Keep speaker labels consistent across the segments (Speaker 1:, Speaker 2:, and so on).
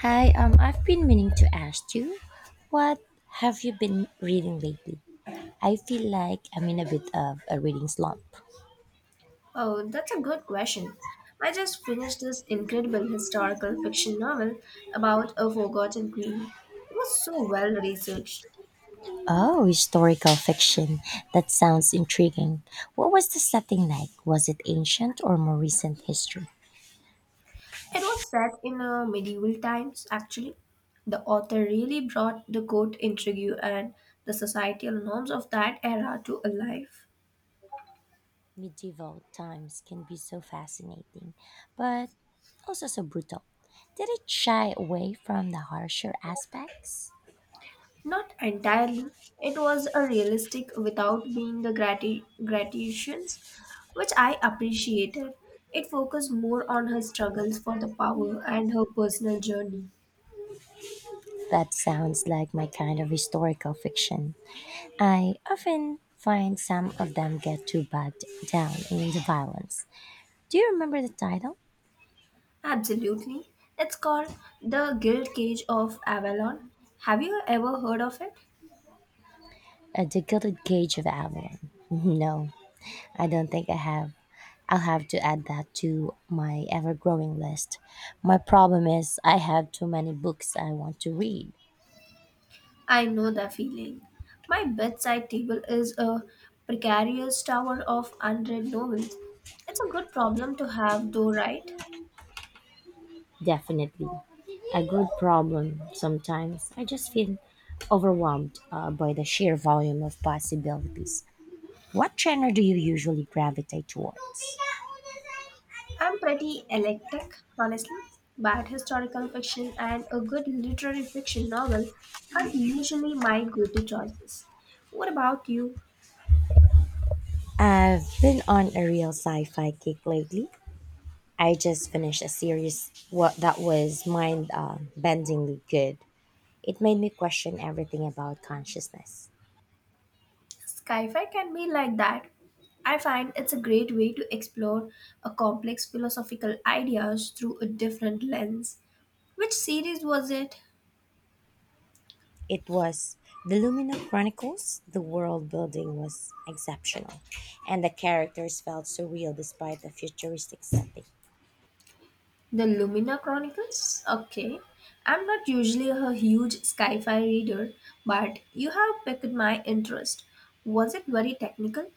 Speaker 1: Hi, I've been meaning to ask you, what have you been reading lately? I feel like I'm in a bit of a reading slump.
Speaker 2: Oh, that's a good question. I just finished this incredible historical fiction novel about a forgotten queen. It was so well researched.
Speaker 1: Oh, historical fiction. That sounds intriguing. What was the setting like? Was it ancient or more recent history?
Speaker 2: It was set in medieval times, actually. The author really brought the court intrigue and the societal norms of that era to life.
Speaker 1: Medieval times can be so fascinating, but also so brutal. Did it shy away from the harsher aspects?
Speaker 2: Not entirely. It was a realistic without being the gratifications, which I appreciated. It focused more on her struggles for the power and her personal journey.
Speaker 1: That sounds like my kind of historical fiction. I often find some of them get too bogged down in the violence. Do you remember the title?
Speaker 2: Absolutely. It's called The Guild Cage of Avalon. Have you ever heard of it?
Speaker 1: The Gilded Cage of Avalon. No, I don't think I have. I'll have to add that to my ever growing list. My problem is I have too many books I want to read.
Speaker 2: I know the feeling. My bedside table is a precarious tower of unread novels. It's a good problem to have, though, right?
Speaker 1: Definitely. A good problem sometimes. I just feel overwhelmed by the sheer volume of possibilities. What genre do you usually gravitate towards?
Speaker 2: I'm pretty eclectic, honestly. Bad historical fiction and a good literary fiction novel are usually my go to choices. What about you?
Speaker 1: I've been on a real sci-fi kick lately. I just finished a series what that was mind-bendingly good. It made me question everything about consciousness.
Speaker 2: Sci fi can be like that. I find it's a great way to explore a complex philosophical ideas through a different lens. Which series was it?
Speaker 1: It was the Lumina Chronicles. The world building was exceptional, and the characters felt so real despite the futuristic setting.
Speaker 2: The Lumina Chronicles? Okay. I'm not usually a huge sci fi reader, but you have piqued my interest. Was it very technical?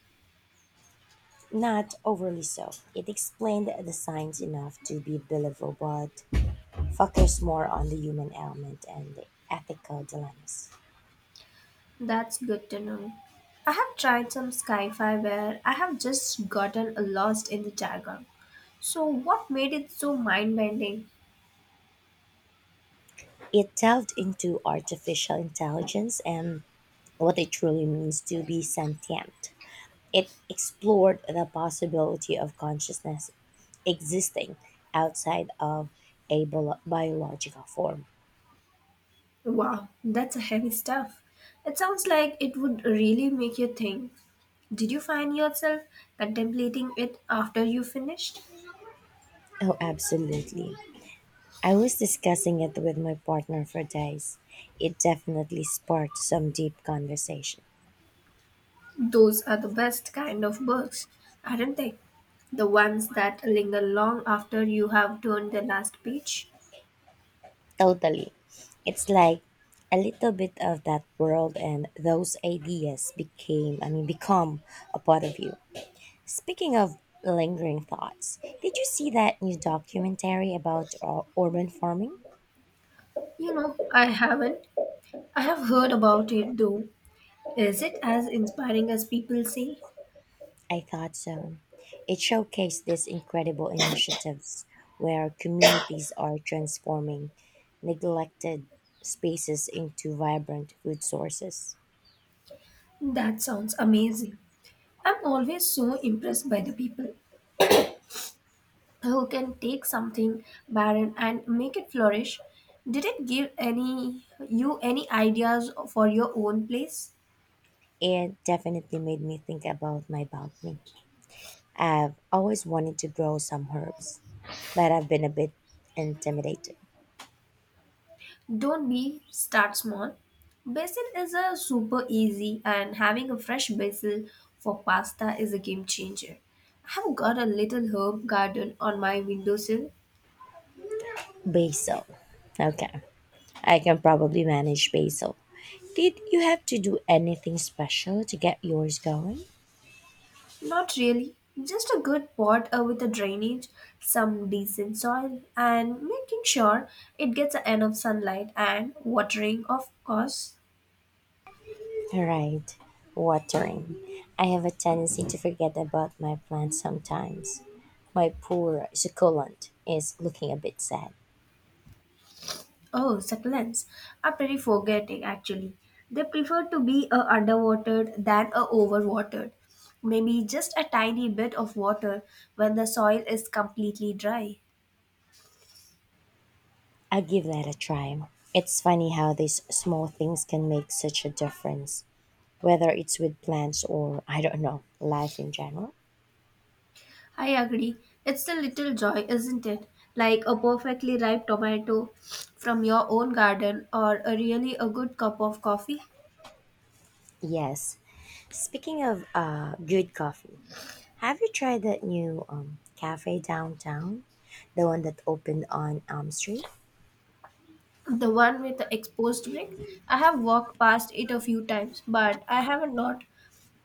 Speaker 1: Not overly so. It explained the science enough to be believable, but focused more on the human element and the ethical dilemmas.
Speaker 2: That's good to know. I have tried some sci-fi where I have just gotten lost in the jargon. So what made it so mind-bending?
Speaker 1: It delved into artificial intelligence and what it truly means to be sentient. It explored the possibility of consciousness existing outside of a biological form.
Speaker 2: Wow, that's a heavy stuff. It sounds like it would really make you think. Did you find yourself contemplating it after you finished?
Speaker 1: Oh, absolutely. I was discussing it with my partner for days. It definitely sparked some deep conversation.
Speaker 2: Those are the best kind of books, aren't they? The ones that linger long after you have turned the last page.
Speaker 1: Totally. It's like a little bit of that world and those ideas become a part of you. Speaking of lingering thoughts, did you see that new documentary about urban farming?
Speaker 2: You know, I haven't. I have heard about it though. Is it as inspiring as people say?
Speaker 1: I thought so. It showcased these incredible initiatives where communities are transforming neglected spaces into vibrant food sources.
Speaker 2: That sounds amazing. I'm always so impressed by the people who can take something barren and make it flourish. Did it give any you any ideas for your own place?
Speaker 1: It definitely made me think about my balcony. I've always wanted to grow some herbs, but I've been a bit intimidated.
Speaker 2: Don't be start small. Basil is a super easy and having a fresh basil for pasta is a game changer. I've got a little herb garden on my windowsill.
Speaker 1: Basil. Okay, I can probably manage basil. Did you have to do anything special to get yours going?
Speaker 2: Not really. Just a good pot with a drainage, some decent soil, and making sure it gets enough sunlight and watering, of course.
Speaker 1: Right. Watering. I have a tendency to forget about my plants sometimes. My poor succulent is looking a bit sad.
Speaker 2: Oh, succulents are pretty forgetting actually. They prefer to be underwatered than overwatered. Maybe just a tiny bit of water when the soil is completely dry.
Speaker 1: I'll give that a try. It's funny how these small things can make such a difference, whether it's with plants or, I don't know, life in general.
Speaker 2: I agree. It's a little joy, isn't it? Like a perfectly ripe tomato from your own garden or a really a good cup of coffee.
Speaker 1: Yes. Speaking of good coffee, have you tried that new cafe downtown? The one that opened on Elm Street?
Speaker 2: The one with the exposed brick. I have walked past it a few times, but I haven't not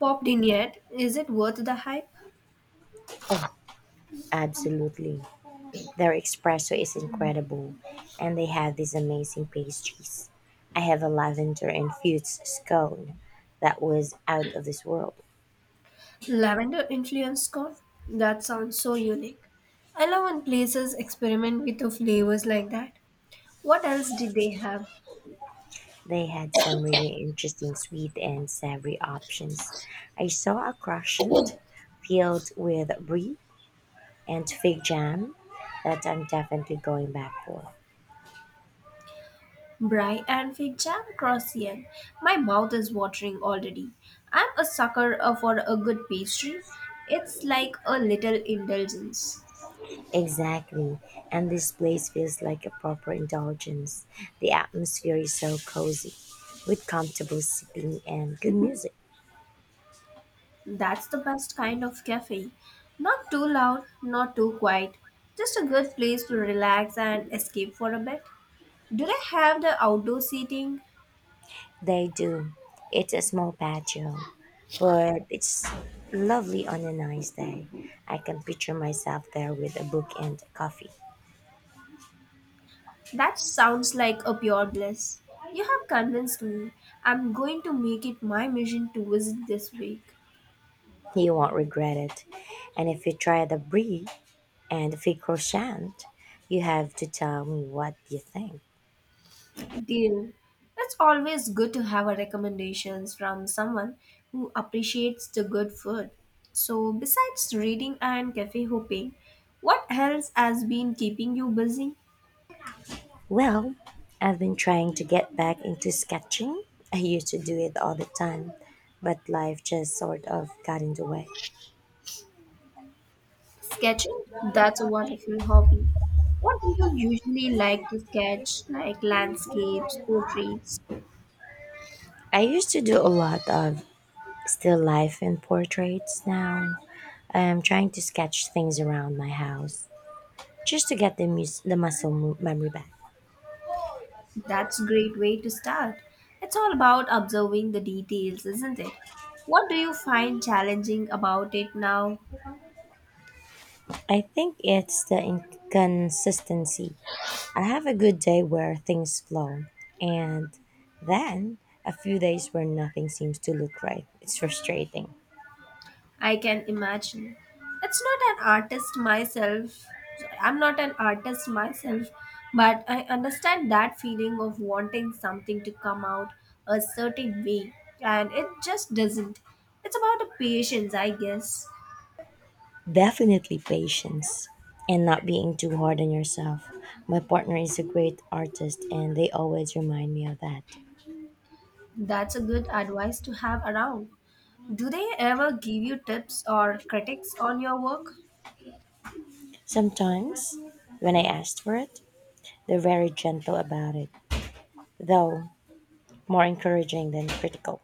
Speaker 2: popped in yet. Is it worth the hype?
Speaker 1: Oh, absolutely. Their espresso is incredible, and they have these amazing pastries. I have a lavender infused scone that was out of this world.
Speaker 2: Lavender influence corn? That sounds so unique. I love when places experiment with the flavors like that. What else did they have?
Speaker 1: They had some really interesting sweet and savory options. I saw a croissant filled with brie and fig jam that I'm definitely going back for.
Speaker 2: Bry and fig jam croissant. My mouth is watering already. I'm a sucker for a good pastry. It's like a little indulgence.
Speaker 1: Exactly, and this place feels like a proper indulgence. The atmosphere is so cozy with comfortable seating and good music.
Speaker 2: That's the best kind of cafe. Not too loud, not too quiet. Just a good place to relax and escape for a bit. Do they have the outdoor seating?
Speaker 1: They do. It's a small patio, but it's lovely on a nice day. I can picture myself there with a book and a coffee.
Speaker 2: That sounds like a pure bliss. You have convinced me. I'm going to make it my mission to visit this week.
Speaker 1: You won't regret it. And if you try the brie and the fig croissant, you have to tell me what you think.
Speaker 2: Deal. It's always good to have a recommendations from someone who appreciates the good food. So, besides reading and cafe hopping, what else has been keeping you busy?
Speaker 1: Well, I've been trying to get back into sketching. I used to do it all the time, but life just sort of got in the way.
Speaker 2: Sketching? That's a wonderful hobby. What do you usually like to sketch, like landscapes, portraits?
Speaker 1: I used to do a lot of still life and portraits now. I am trying to sketch things around my house just to get the memory back.
Speaker 2: That's a great way to start. It's all about observing the details, isn't it? What do you find challenging about it now?
Speaker 1: I think it's the inconsistency. I have a good day where things flow, and then a few days where nothing seems to look right. It's frustrating.
Speaker 2: I can imagine. It's not an artist myself. I'm not an artist myself, but I understand that feeling of wanting something to come out a certain way, and it just doesn't. It's about the patience, I guess.
Speaker 1: Definitely patience and not being too hard on yourself. My partner is a great artist, and they always remind me of that.
Speaker 2: That's a good advice to have around. Do they ever give you tips or critics on your work?
Speaker 1: Sometimes, when I asked for it, they're very gentle about it, though more encouraging than critical,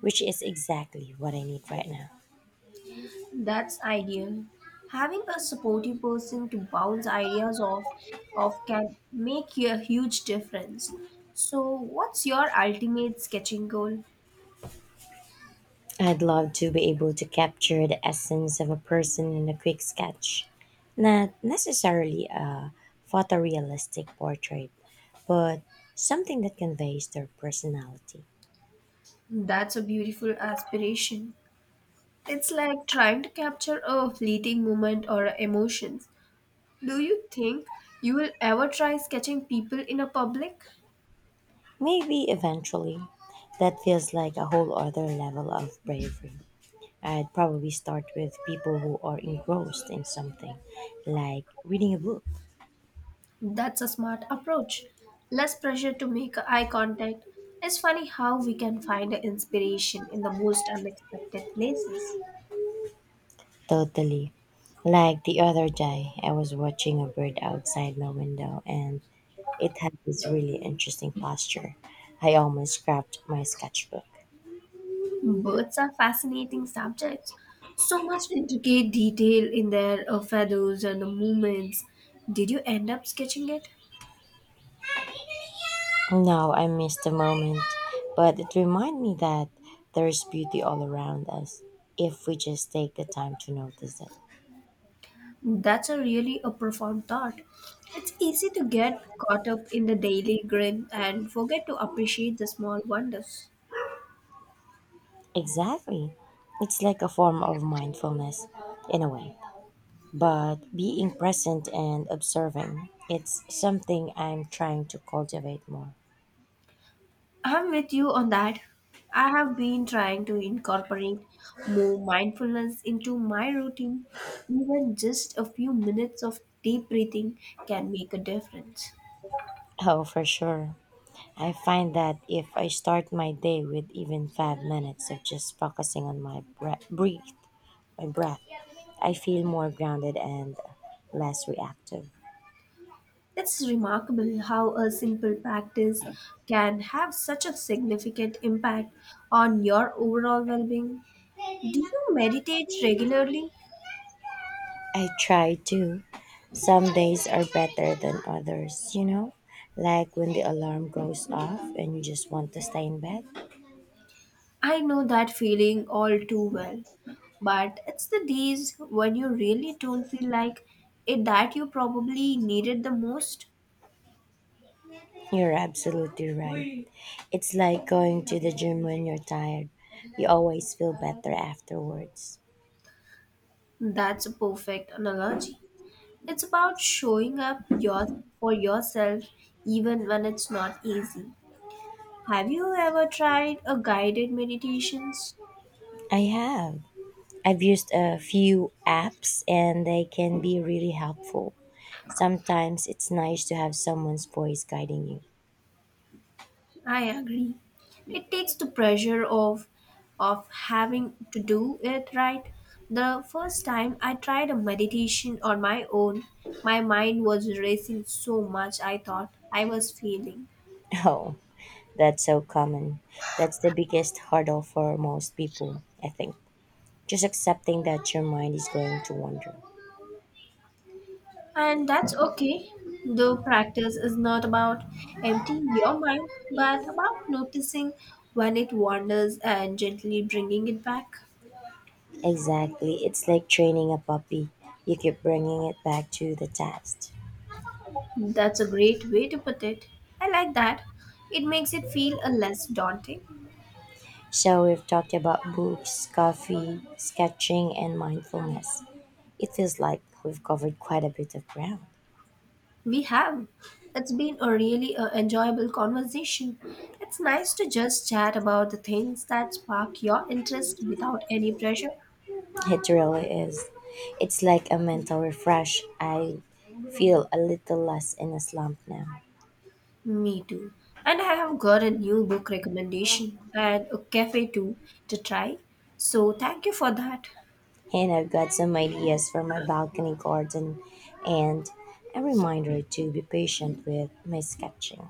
Speaker 1: which is exactly what I need right now.
Speaker 2: That's ideal. Having a supportive person to bounce ideas off of can make a huge difference. So, what's your ultimate sketching goal?
Speaker 1: I'd love to be able to capture the essence of a person in a quick sketch, not necessarily a photorealistic portrait, but something that conveys their personality.
Speaker 2: That's a beautiful aspiration. It's like trying to capture a fleeting moment or emotions. Do you think you will ever try sketching people in a public?
Speaker 1: Maybe eventually, that feels like a whole other level of bravery. I'd probably start with people who are engrossed in something, like reading a book.
Speaker 2: That's a smart approach. Less pressure to make eye contact. It's funny how we can find inspiration in the most unexpected places.
Speaker 1: Totally. Like the other day, I was watching a bird outside my window and it had this really interesting posture. I almost scrapped my sketchbook.
Speaker 2: Birds are fascinating subjects. So much intricate detail in their feathers and the movements. Did you end up sketching it?
Speaker 1: No, I missed the moment, but it reminded me that there is beauty all around us if we just take the time to notice it.
Speaker 2: That's a really a profound thought. It's easy to get caught up in the daily grind and forget to appreciate the small wonders.
Speaker 1: Exactly. It's like a form of mindfulness in a way. But being present and observing, it's something I'm trying to cultivate more.
Speaker 2: I'm with you on that. I have been trying to incorporate more mindfulness into my routine. Even just a few minutes of deep breathing can make a difference.
Speaker 1: Oh, for sure. I find that if I start my day with even 5 minutes of just focusing on my breath, I feel more grounded and less reactive.
Speaker 2: It's remarkable how a simple practice can have such a significant impact on your overall well being. Do you meditate regularly?
Speaker 1: I try to. Some days are better than others, you know? Like when the alarm goes off and you just want to stay in bed.
Speaker 2: I know that feeling all too well. But it's the days when you really don't feel like it that you probably needed the most.
Speaker 1: You're absolutely right. It's like going to the gym when you're tired. You always feel better afterwards.
Speaker 2: That's a perfect analogy. It's about showing up for yourself even when it's not easy. Have you ever tried a guided meditations?
Speaker 1: I have. I've used a few apps and they can be really helpful. Sometimes it's nice to have someone's voice guiding you.
Speaker 2: I agree. It takes the pressure of having to do it right. The first time I tried a meditation on my own, my mind was racing so much I thought I was failing.
Speaker 1: Oh, that's so common. That's the biggest hurdle for most people, I think. Just accepting that your mind is going to wander.
Speaker 2: And that's okay. Though practice is not about emptying your mind, but about noticing when it wanders and gently bringing it back.
Speaker 1: Exactly. It's like training a puppy. You keep bringing it back to the task.
Speaker 2: That's a great way to put it. I like that. It makes it feel a less daunting.
Speaker 1: So, we've talked about books, coffee, sketching, and mindfulness. It feels like we've covered quite a bit of ground.
Speaker 2: We have. It's been a really enjoyable conversation. It's nice to just chat about the things that spark your interest without any pressure.
Speaker 1: It really is. It's like a mental refresh. I feel a little less in a slump now.
Speaker 2: Me too. And I have got a new book recommendation and a cafe too to try. So thank you for that.
Speaker 1: And I've got some ideas for my balcony garden and a reminder to be patient with my sketching.